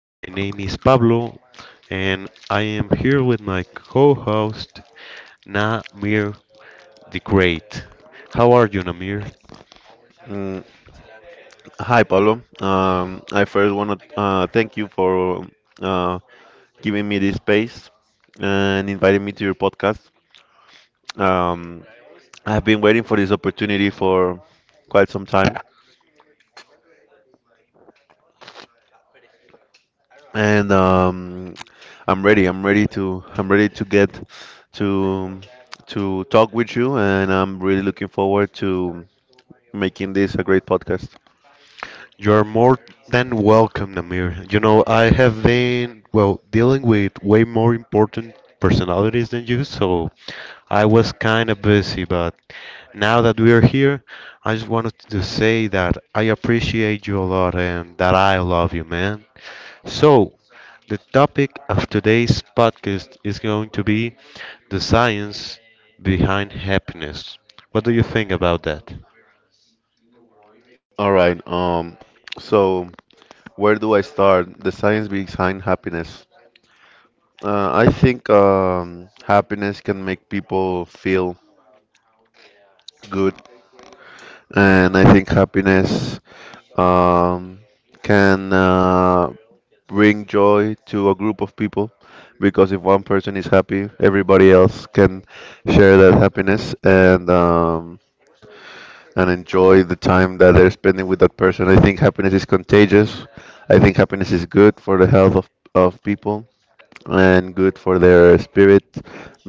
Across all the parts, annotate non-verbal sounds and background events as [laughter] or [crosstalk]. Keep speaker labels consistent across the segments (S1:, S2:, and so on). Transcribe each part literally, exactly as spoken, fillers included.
S1: Uh, My name is Pablo, and I am here with my co host, Namir the Great. How are you, Namir?
S2: Mm, Hi, Pablo. Um, I first want to uh, thank you for uh, giving me this space and inviting me to your podcast. Um, I've been waiting for this opportunity for quite some time, and um, I'm ready. I'm ready to. I'm ready to get to to talk with you, and I'm really looking forward to making this a great podcast.
S1: You're more than welcome, Namir. You know, I have been, well, dealing with way more important personalities than you, so I was kind of busy, but now that we are here, I just wanted to say that I appreciate you a lot and that I love you, man. So, the topic of today's podcast is going to be the science behind happiness. What do you think about that?
S2: All right. Um, so where do I start? The science behind happiness. Uh, I think um, happiness can make people feel good, and I think happiness um, can uh, bring joy to a group of people because if one person is happy, everybody else can share that happiness and um, and enjoy the time that they're spending with that person. I think happiness is contagious. I think happiness is good for the health of, of people, and good for their spirit,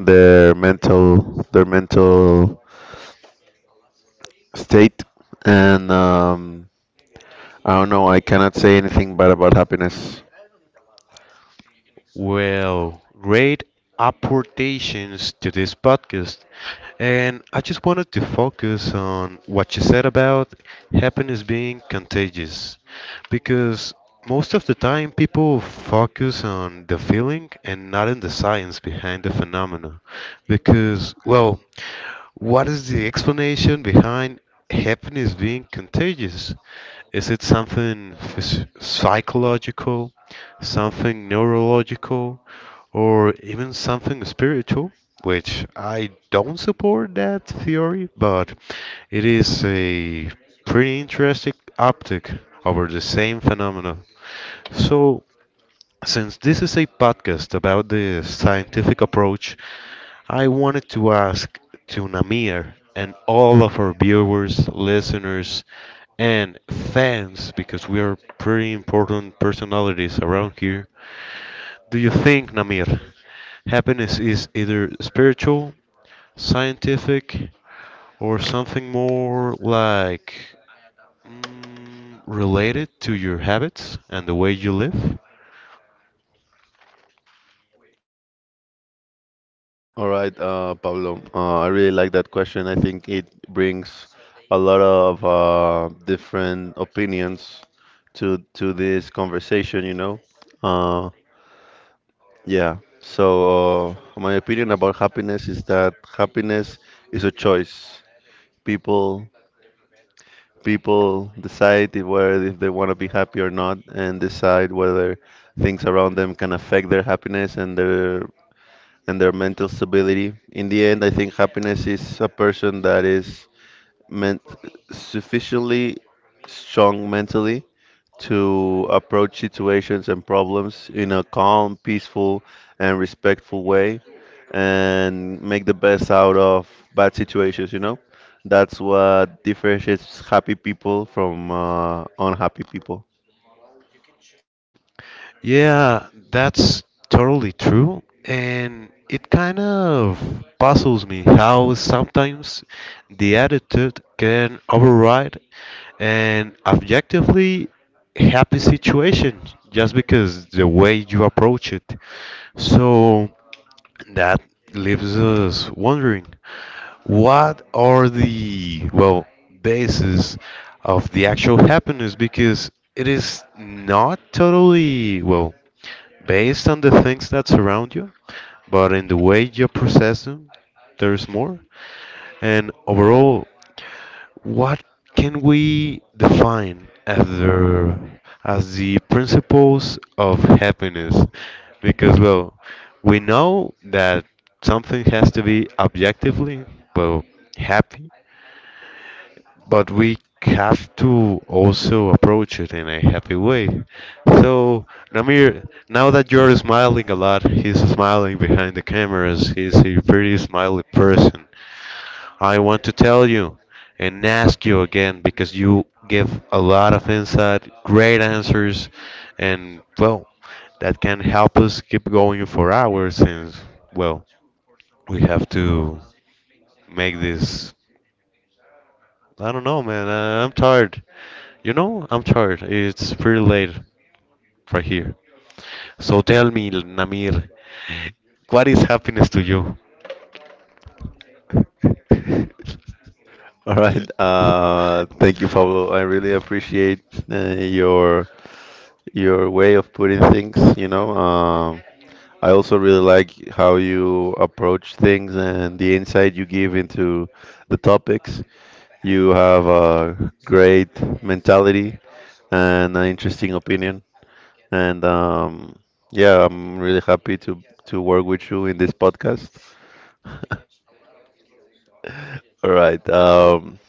S2: their mental, their mental state, and um, I don't know. I cannot say anything bad about happiness.
S1: Well, great apportations to this podcast. And I just wanted to focus on what you said about happiness being contagious. Because most of the time, people focus on the feeling and not on the science behind the phenomena. Because, well, what is the explanation behind happiness being contagious? Is it something phys- psychological, something neurological, or even something spiritual? Which I don't support that theory, but it is a pretty interesting optic over the same phenomena. So, since this is a podcast about the scientific approach, I wanted to ask to Namir and all of our viewers, listeners, and fans, because we are pretty important personalities around here. Do you think, Namir, happiness is either spiritual, scientific, or something more like, mm, related to your habits and the way you live?
S2: All right, uh, Pablo. Uh, I really like that question. I think it brings a lot of uh, different opinions to to this conversation. You know, uh, yeah. So uh, my opinion about happiness is that happiness is a choice. People People decide if whether if they want to be happy or not, and decide whether things around them can affect their happiness and their and their mental stability. In the end, I think happiness is a person that is meant sufficiently strong mentally to approach situations and problems in a calm, peaceful, and respectful way and make the best out of bad situations, you know? That's what differentiates happy people from uh, unhappy people.
S1: Yeah, that's totally true. And it kind of puzzles me how sometimes the attitude can override an objectively happy situation just because the way you approach it. So that leaves us wondering what are the, well, basis of the actual happiness, because it is not totally, well, based on the things that surround you, but in the way you process them, there's more. And overall, what can we define as the as the principles of happiness? Because well, we know that something has to be objectively, well, happy, but we have to also approach it in a happy way. So, Namir, now that you're smiling a lot, he's smiling behind the cameras, he's a pretty smiley person. I want to tell you and ask you again because you give a lot of insight, great answers, and well, that can help us keep going for hours since, well, we have to make this. I don't know, man. I, I'm tired. You know, I'm tired. It's pretty late right here. So tell me, Namir, what is happiness to you? [laughs]
S2: [laughs] All right. Uh, thank you, Pablo. I really appreciate uh, your your way of putting things, you know. Um, I also really like how you approach things and the insight you give into the topics. You have a great mentality and an interesting opinion. And um, yeah, I'm really happy to to work with you in this podcast. All right. Um,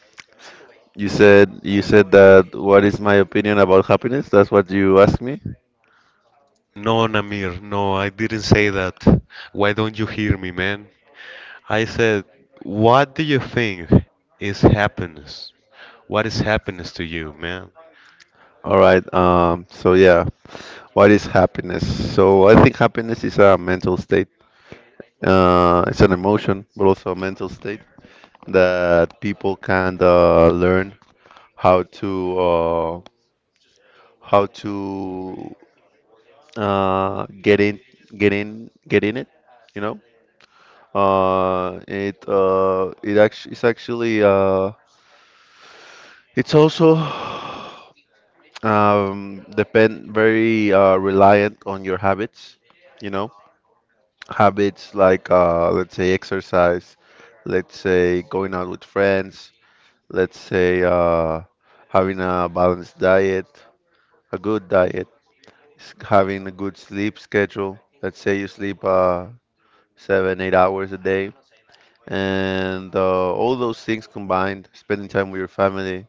S2: you said you said that what is my opinion about happiness? That's what you asked me.
S1: No, Namir, no, I didn't say that. Why don't you hear me, man? I said, what do you think is happiness? What is happiness to you, man?
S2: All right. Um, so yeah, what is happiness? So I think happiness is a mental state. Uh, it's an emotion, but also a mental state that people can uh, learn how to. uh, how to uh, get in, get in, get in it. You know, uh, it uh, it actually it's actually uh, it's also [sighs] um, depend very uh, reliant on your habits. You know, habits like uh, let's say exercise, let's say going out with friends, let's say uh, having a balanced diet, a good diet. S- having a good sleep schedule. Let's say you sleep uh, seven, eight hours a day, and uh, all those things combined, spending time with your family,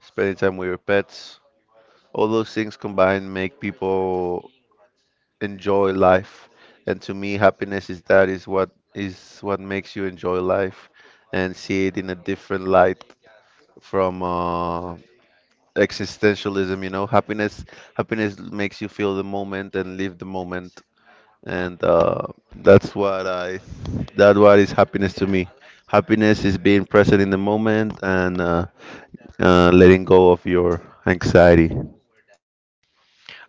S2: spending time with your pets, all those things combined make people enjoy life. And to me, happiness is that is what is what makes you enjoy life and see it in a different light from uh, existentialism. You know, happiness happiness makes you feel the moment and live the moment and uh, that's what I that what is happiness to me. Happiness is being present in the moment and uh, uh, letting go of your anxiety.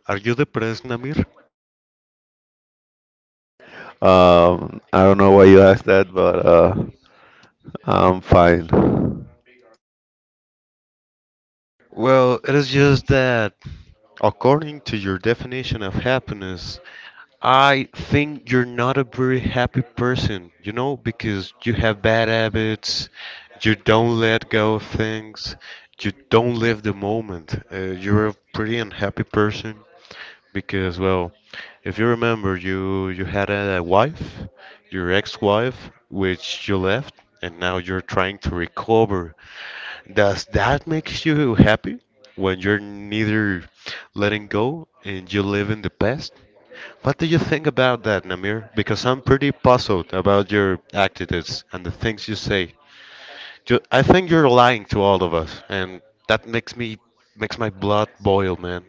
S1: Are you depressed, Namir?
S2: Um, I don't know why you asked that, but uh, I'm fine. All
S1: Well, it is just that, according to your definition of happiness, I think you're not a very happy person, you know, because you have bad habits, you don't let go of things, you don't live the moment. Uh, you're a pretty unhappy person because, well, if you remember, you you had a wife, your ex-wife, which you left, and now you're trying to recover. Does that make you happy when you're neither letting go and you live in the past? What do you think about that, Namir? Because I'm pretty puzzled about your attitudes and the things you say. You, I think you're lying to all of us, and that makes me makes my blood boil, man.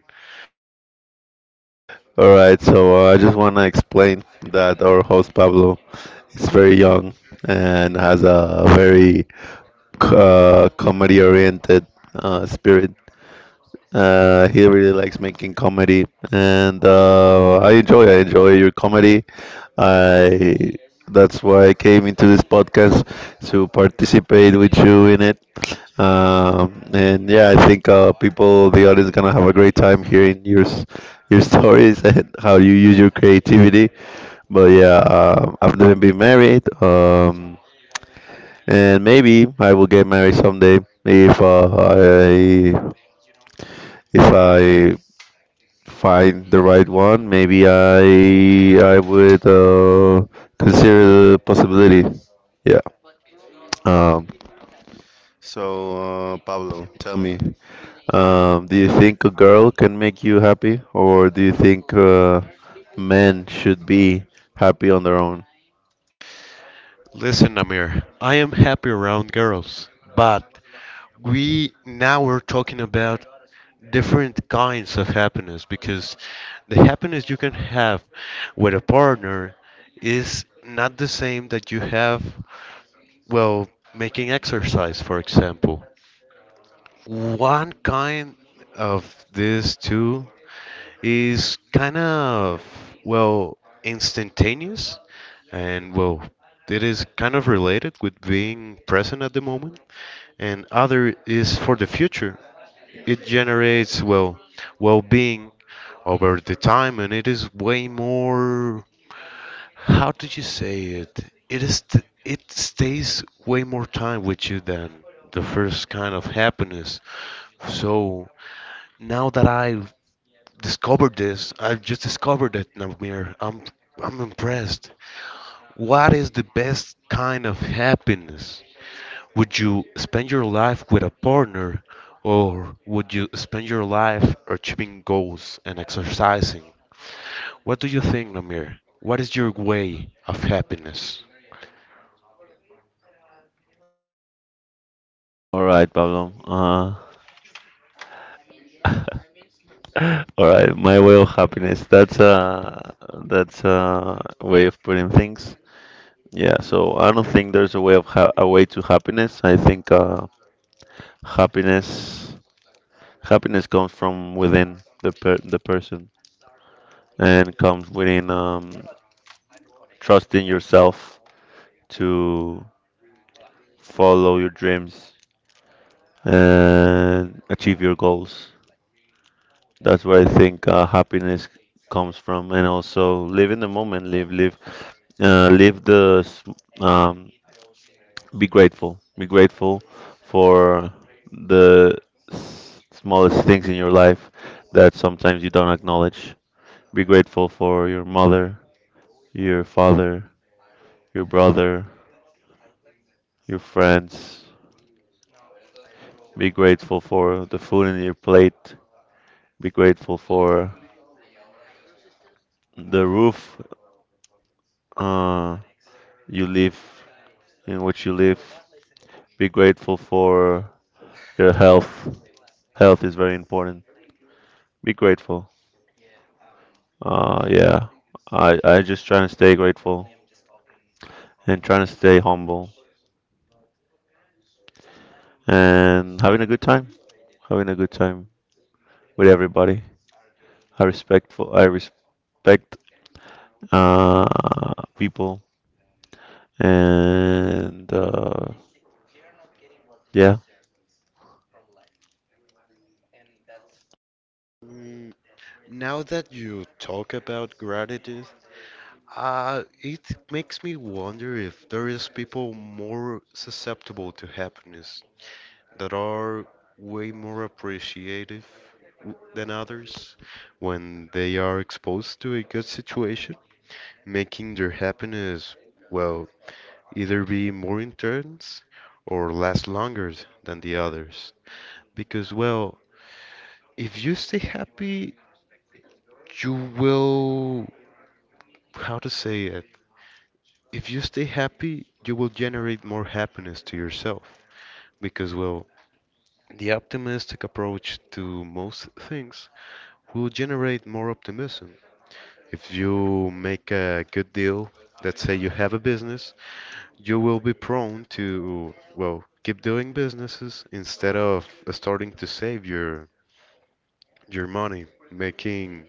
S2: right, so uh, I just want to explain that our host Pablo is very young and has a very uh, comedy-oriented uh, spirit. Uh, he really likes making comedy, and uh, I enjoy I enjoy your comedy. I That's why I came into this podcast to participate with you in it. Um, and yeah, I think uh, people, the audience, gonna have a great time hearing your s- your stories [laughs] and how you use your creativity. But yeah, um, I've never been married, um, and maybe I will get married someday if uh, I if I find the right one, maybe I I would uh, consider the possibility. Yeah. Um, so, uh, Pablo, tell me, um, do you think a girl can make you happy, or do you think uh, men should be happy on their own?
S1: Listen, Namir, I am happy around girls, but we now we're talking about different kinds of happiness because the happiness you can have with a partner is not the same that you have, well, making exercise, for example. One kind of this too is kind of, well, instantaneous and, well, it is kind of related with being present at the moment, and other is for the future. It generates, well, well being over the time, and it is way more. How did you say it? It is t- it stays way more time with you than the first kind of happiness. So now that I've discovered this, I've just discovered it, Namir. I'm I'm impressed. What is the best kind of happiness? Would you spend your life with a partner, or would you spend your life achieving goals and exercising? What do you think, Namir? What is your way of happiness?
S2: All right, Pablo. Uh, all right, my way of happiness. That's a that's a way of putting things. Yeah. So I don't think there's a way of ha a way to happiness. I think uh, Happiness, happiness comes from within the per the person and comes within um, trusting yourself to follow your dreams and achieve your goals. That's where I think uh, happiness comes from, and also live in the moment, live, live, uh, live the, s- um, be grateful, be grateful for the s- smallest things in your life that sometimes you don't acknowledge. Be grateful for your mother, your father, your brother, your friends. Be grateful for the food in your plate. Be grateful for the roof uh, you live, in which you live. Be grateful for your health. Health is very important. Be grateful. Uh, yeah, I I just trying to stay grateful and trying to stay humble and having a good time, having a good time with everybody. I respect for I respect uh, people, and uh, yeah.
S1: Mm, now that you talk about gratitude, Uh, it makes me wonder if there is people more susceptible to happiness that are way more appreciative w- than others when they are exposed to a good situation, making their happiness, well, either be more intense or last longer than the others. Because, well, if you stay happy, you will, how to say it? If you stay happy, you will generate more happiness to yourself because, well, the optimistic approach to most things will generate more optimism. If you make a good deal, let's say you have a business, you will be prone to, well, keep doing businesses instead of starting to save your your money, making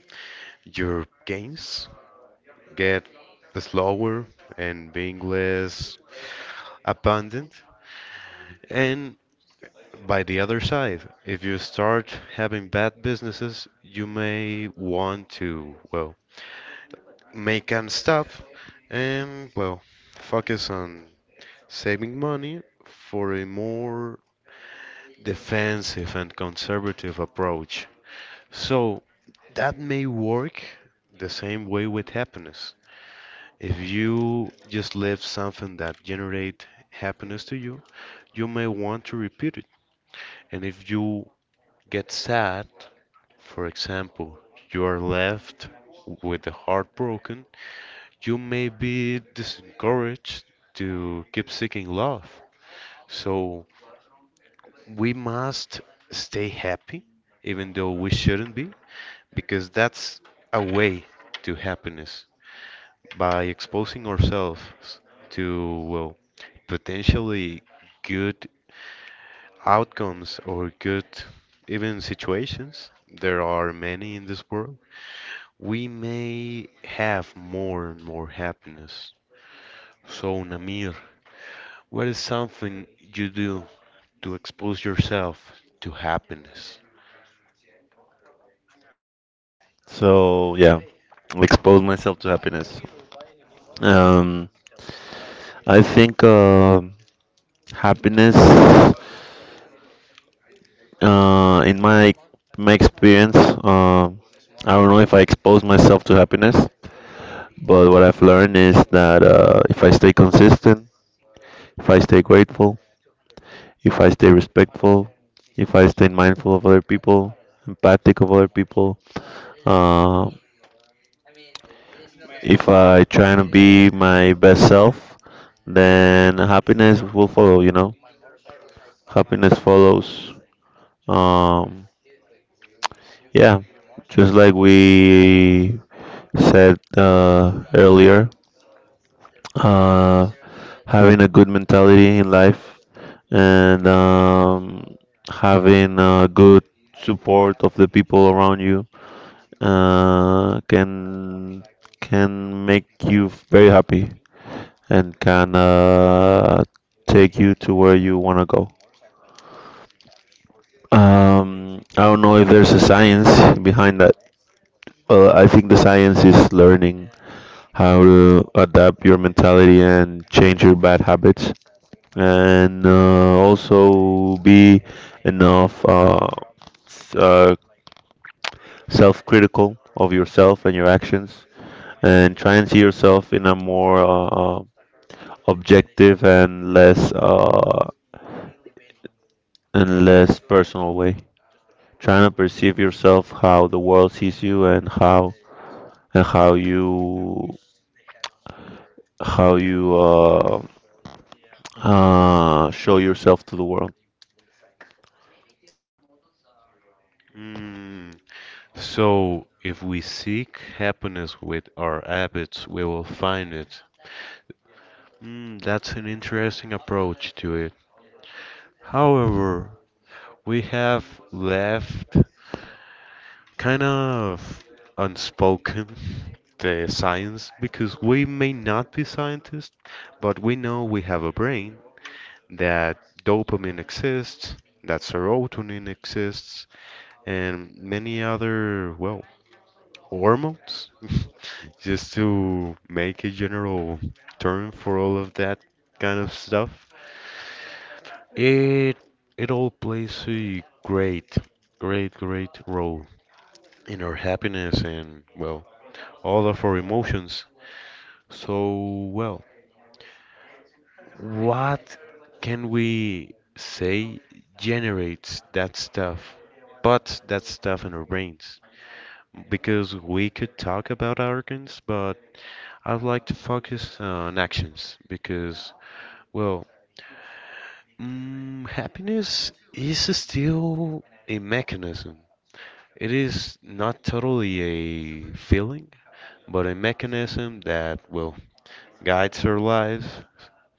S1: your gains get slower and being less abundant. And by the other side, if you start having bad businesses, you may want to, well, make and stop and, well, focus on saving money for a more defensive and conservative approach. So that may work the same way with happiness. If you just live something that generate happiness to you, you may want to repeat it. And if you get sad, for example, you are left with the heartbroken, you may be disencouraged to keep seeking love. So we must stay happy, even though we shouldn't be, because that's a way to happiness by exposing ourselves to, well, potentially good outcomes or good even situations. There are many in this world. We may have more and more happiness. So, Namir, what is something you do to expose yourself to happiness?
S2: So yeah, expose myself to happiness. Um, I think uh, happiness, uh, in my my experience, uh, I don't know if I expose myself to happiness, but what I've learned is that uh, if I stay consistent, if I stay grateful, if I stay respectful, if I stay mindful of other people, empathic of other people, uh, if I try to be my best self, then happiness will follow, you know? Happiness follows. Um, yeah, just like we said uh, earlier, uh, having a good mentality in life and um, having a good support of the people around you uh, can can make you very happy and kind of take you to where you want to go. Um, I don't know if there's a science behind that. Well, I think the science is learning how to adapt your mentality and change your bad habits, and uh, also be enough uh, s- uh, self-critical of yourself and your actions, and try and see yourself in a more uh, objective and less uh, and less personal way, trying to perceive yourself how the world sees you and how and how you how you uh, uh, show yourself to the world.
S1: Mm, so, if we seek happiness with our habits, we will find it. Mm, that's an interesting approach to it. However, we have left kind of unspoken [laughs] the science, because we may not be scientists, but we know we have a brain, that dopamine exists, that serotonin exists, and many other, well, hormones, [laughs] just to make a general term for all of that kind of stuff. It it all plays a great, great, great role in our happiness and, well, all of our emotions. So, well, what can we say generates that stuff, but that stuff in our brains? Because we could talk about organs, but I'd like to focus on actions because, well, mm, happiness is still a mechanism. It is not totally a feeling, but a mechanism that will guides our lives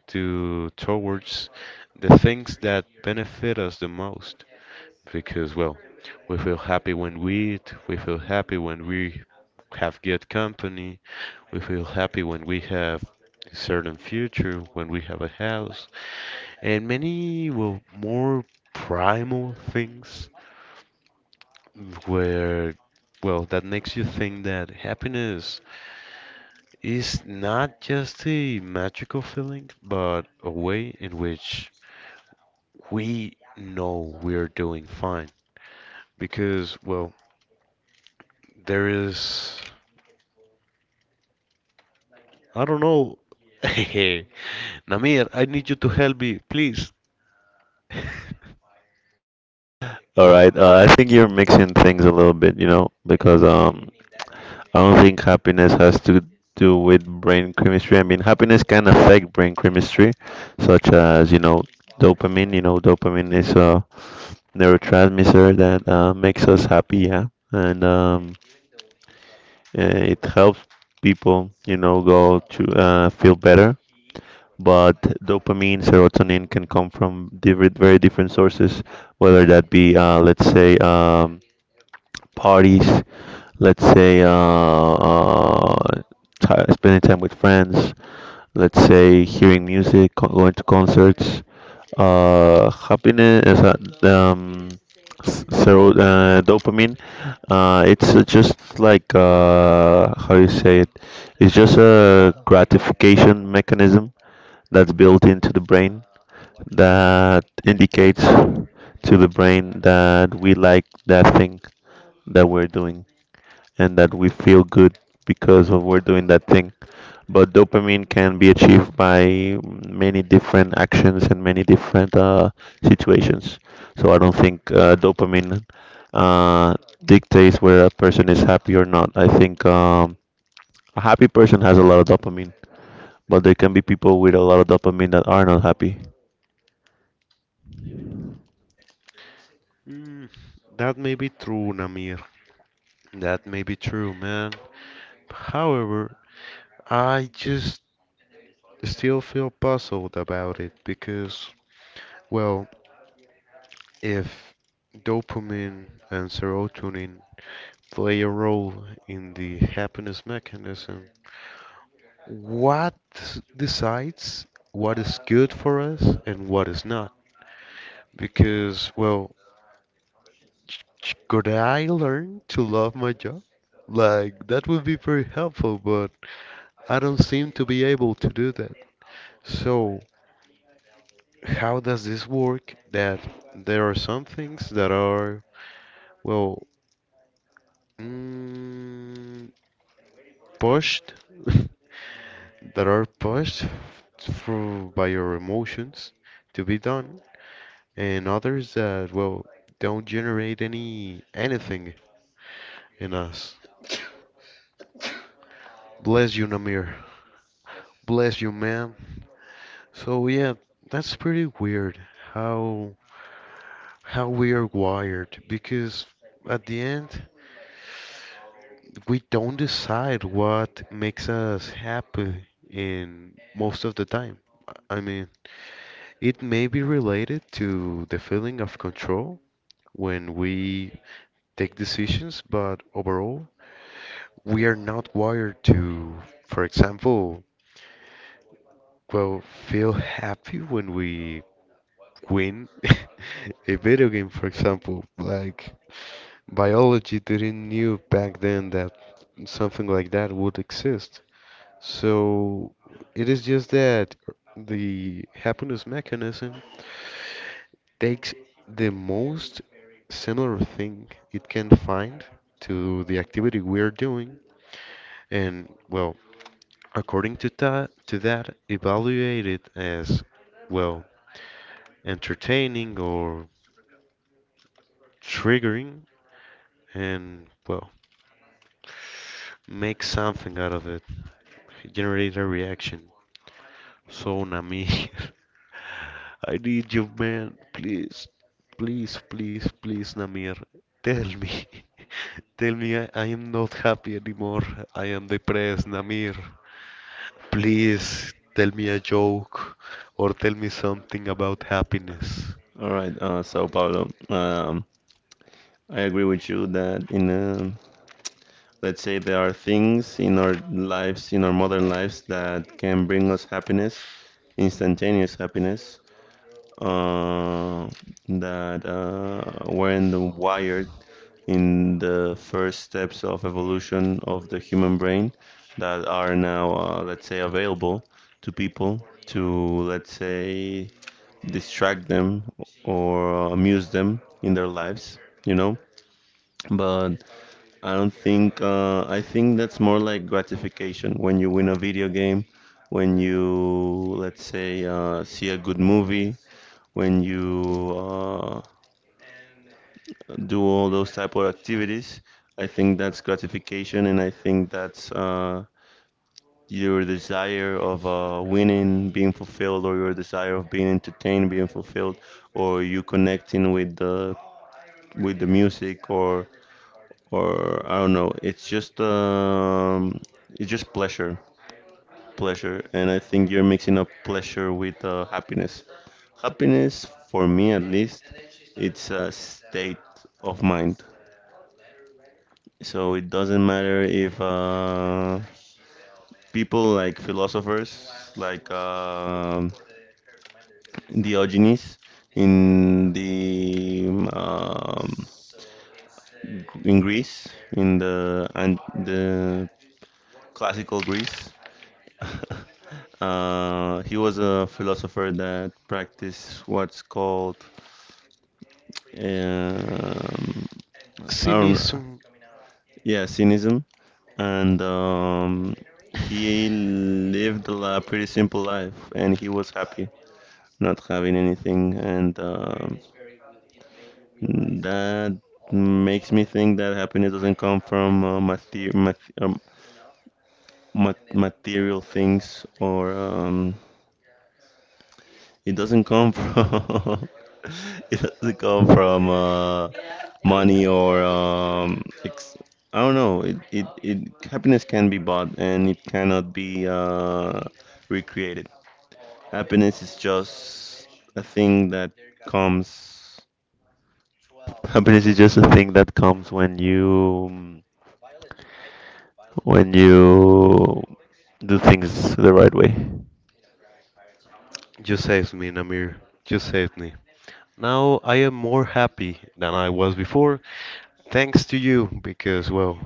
S1: to towards the things that benefit us the most. Because well, we feel happy when we eat, we feel happy when we have good company, we feel happy when we have a certain future, when we have a house, and many well more primal things where, well, that makes you think that happiness is not just a magical feeling, but a way in which we know we're doing fine. Because, well, there is, I don't know. [laughs] Namir, I need you to help me, please. [laughs]
S2: All right, uh, I think you're mixing things a little bit, you know, because um, I don't think happiness has to do with brain chemistry. I mean, happiness can affect brain chemistry, such as you know dopamine. You know, dopamine is a neurotransmitter that uh, makes us happy, yeah, and um, Uh, it helps people, you know, go to uh, feel better. But dopamine, serotonin can come from different, very different sources, whether that be, uh, let's say, um, parties, let's say, uh, uh, ti- spending time with friends, let's say hearing music, co- going to concerts. Uh, happiness, is that, um, s- so uh, dopamine. Uh, it's uh, just like uh, how you say it. It's just a gratification mechanism that's built into the brain that indicates to the brain that we like that thing that we're doing and that we feel good because of we're doing that thing, but dopamine can be achieved by many different actions and many different uh, situations. So I don't think uh, dopamine uh, dictates whether a person is happy or not. I think um, a happy person has a lot of dopamine, but there can be people with a lot of dopamine that are not happy.
S1: Mm, that may be true, Namir. That may be true, man. However, I just still feel puzzled about it because, well, if dopamine and serotonin play a role in the happiness mechanism, what decides what is good for us and what is not? Because, well, ch- ch- could I learn to love my job? Like, that would be very helpful, but I don't seem to be able to do that. So, how does this work that there are some things that are, well, mm, pushed [laughs] that are pushed through by your emotions to be done, and others that well don't generate any anything in us. Bless you, Namir. Bless you, ma'am. So yeah, that's pretty weird how how we are wired because at the end we don't decide what makes us happy in most of the time. I mean, it may be related to the feeling of control when we take decisions, but overall, we are not wired to, for example, well, feel happy when we win [laughs] a video game, for example. Like, biology didn't knew back then that something like that would exist. So, it is just that the happiness mechanism takes the most similar thing it can find to the activity we're doing and well according to that to that evaluate it as well entertaining or triggering and well make something out of it, generate a reaction. So nami [laughs] I need you, man. Please, please, please, please, Namir. Tell me. [laughs] Tell me I, I am not happy anymore. I am depressed, Namir. Please tell me a joke or tell me something about happiness.
S2: All right, uh, so Paulo, um, I agree with you that in um let's say there are things in our lives, in our modern lives, that can bring us happiness, instantaneous happiness, uh, that uh, weren't wired in the first steps of evolution of the human brain that are now, uh, let's say, available to people to, let's say, distract them or uh, amuse them in their lives. You know, but I don't think, uh, I think that's more like gratification when you win a video game, when you, let's say, uh, see a good movie, when you uh, do all those type of activities. I think that's gratification, and I think that's uh, your desire of uh, winning being fulfilled, or your desire of being entertained being fulfilled, or you connecting with the with the music, or or I don't know. It's just um, it's just pleasure, pleasure, and I think you're mixing up pleasure with uh, happiness. Happiness, for me at least, it's a state of mind. So it doesn't matter if uh, people like philosophers like um Diogenes in the um, in Greece in the and the classical Greece. [laughs] Uh, he was a philosopher that practiced what's called um, I don't know,
S1: Cynism.
S2: yeah, cynism and um, he lived a li- pretty simple life, and he was happy not having anything. And um that makes me think that happiness doesn't come from uh, mater- mat- um, mat- material things, or um, it doesn't come from [laughs] it doesn't come from uh, money or um, ex- I don't know. It, it it Happiness can be bought, and it cannot be uh, recreated. Happiness is just a thing that comes. Happiness is just a thing that comes when you when you do things the right way.
S1: You saved me, Namir. You saved me. Now I am more happy than I was before, thanks to you, because, well,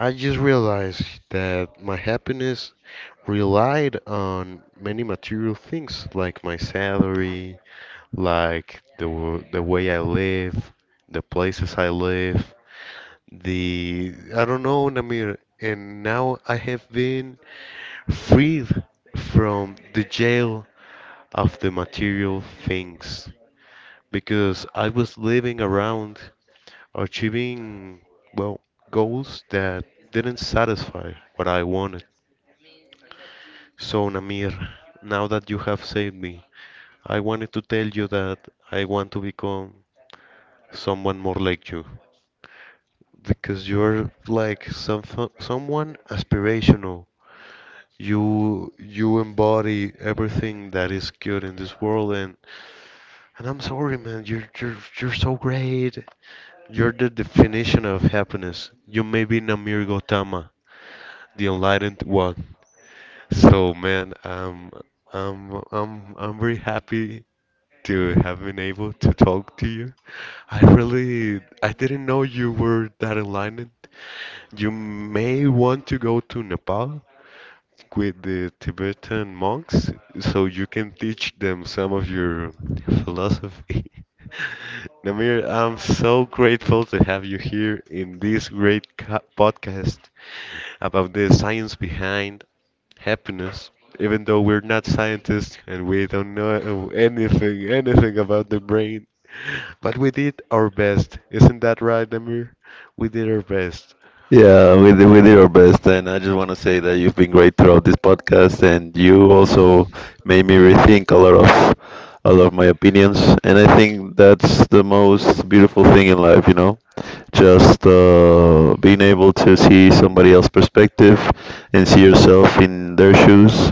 S1: I just realized that my happiness relied on many material things like my salary, like the w- the way I live, the places I live, the I don't know, Namir. And now I have been freed from the jail of the material things because I was living around achieving well goals that didn't satisfy what I wanted. So Namir, now that you have saved me, I wanted to tell you that I want to become someone more like you because you're like some someone aspirational. You you embody everything that is good in this world, and and I'm sorry man, you're you're you're so great. You're the definition of happiness. You may be Namir Gautama, the enlightened one. So man, um, um, I'm I'm very happy to have been able to talk to you. I really I didn't know you were that enlightened. You may want to go to Nepal with the Tibetan monks so you can teach them some of your philosophy. [laughs] Namir, I'm so grateful to have you here in this great co- podcast about the science behind happiness, even though we're not scientists and we don't know anything, anything about the brain. But we did our best. Isn't that right, Amir? We did our best.
S2: Yeah, we did, we did our best, and I just want to say that you've been great throughout this podcast, and you also made me rethink a lot of a lot of my opinions, and I think that's the most beautiful thing in life, you know. Just uh, being able to see somebody else's perspective and see yourself in their shoes.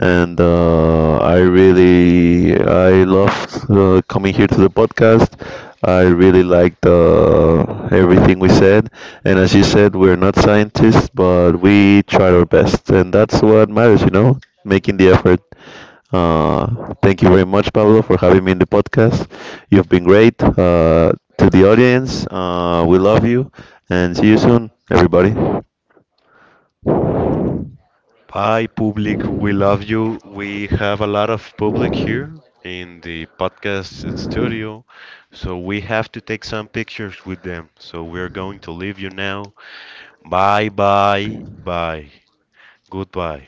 S2: And uh, I really, I loved uh, coming here to the podcast. I really liked uh, everything we said. And as you said, we're not scientists, but we tried our best. And that's what matters, you know, making the effort. Uh, thank you very much, Pablo, for having me in the podcast. You've been great. Uh, to the audience, uh, we love you, and see you soon, everybody.
S1: Hi, public. We love you. We have a lot of public here in the podcast studio, so we have to take some pictures with them. So we're going to leave you now. Bye, bye, bye. Goodbye.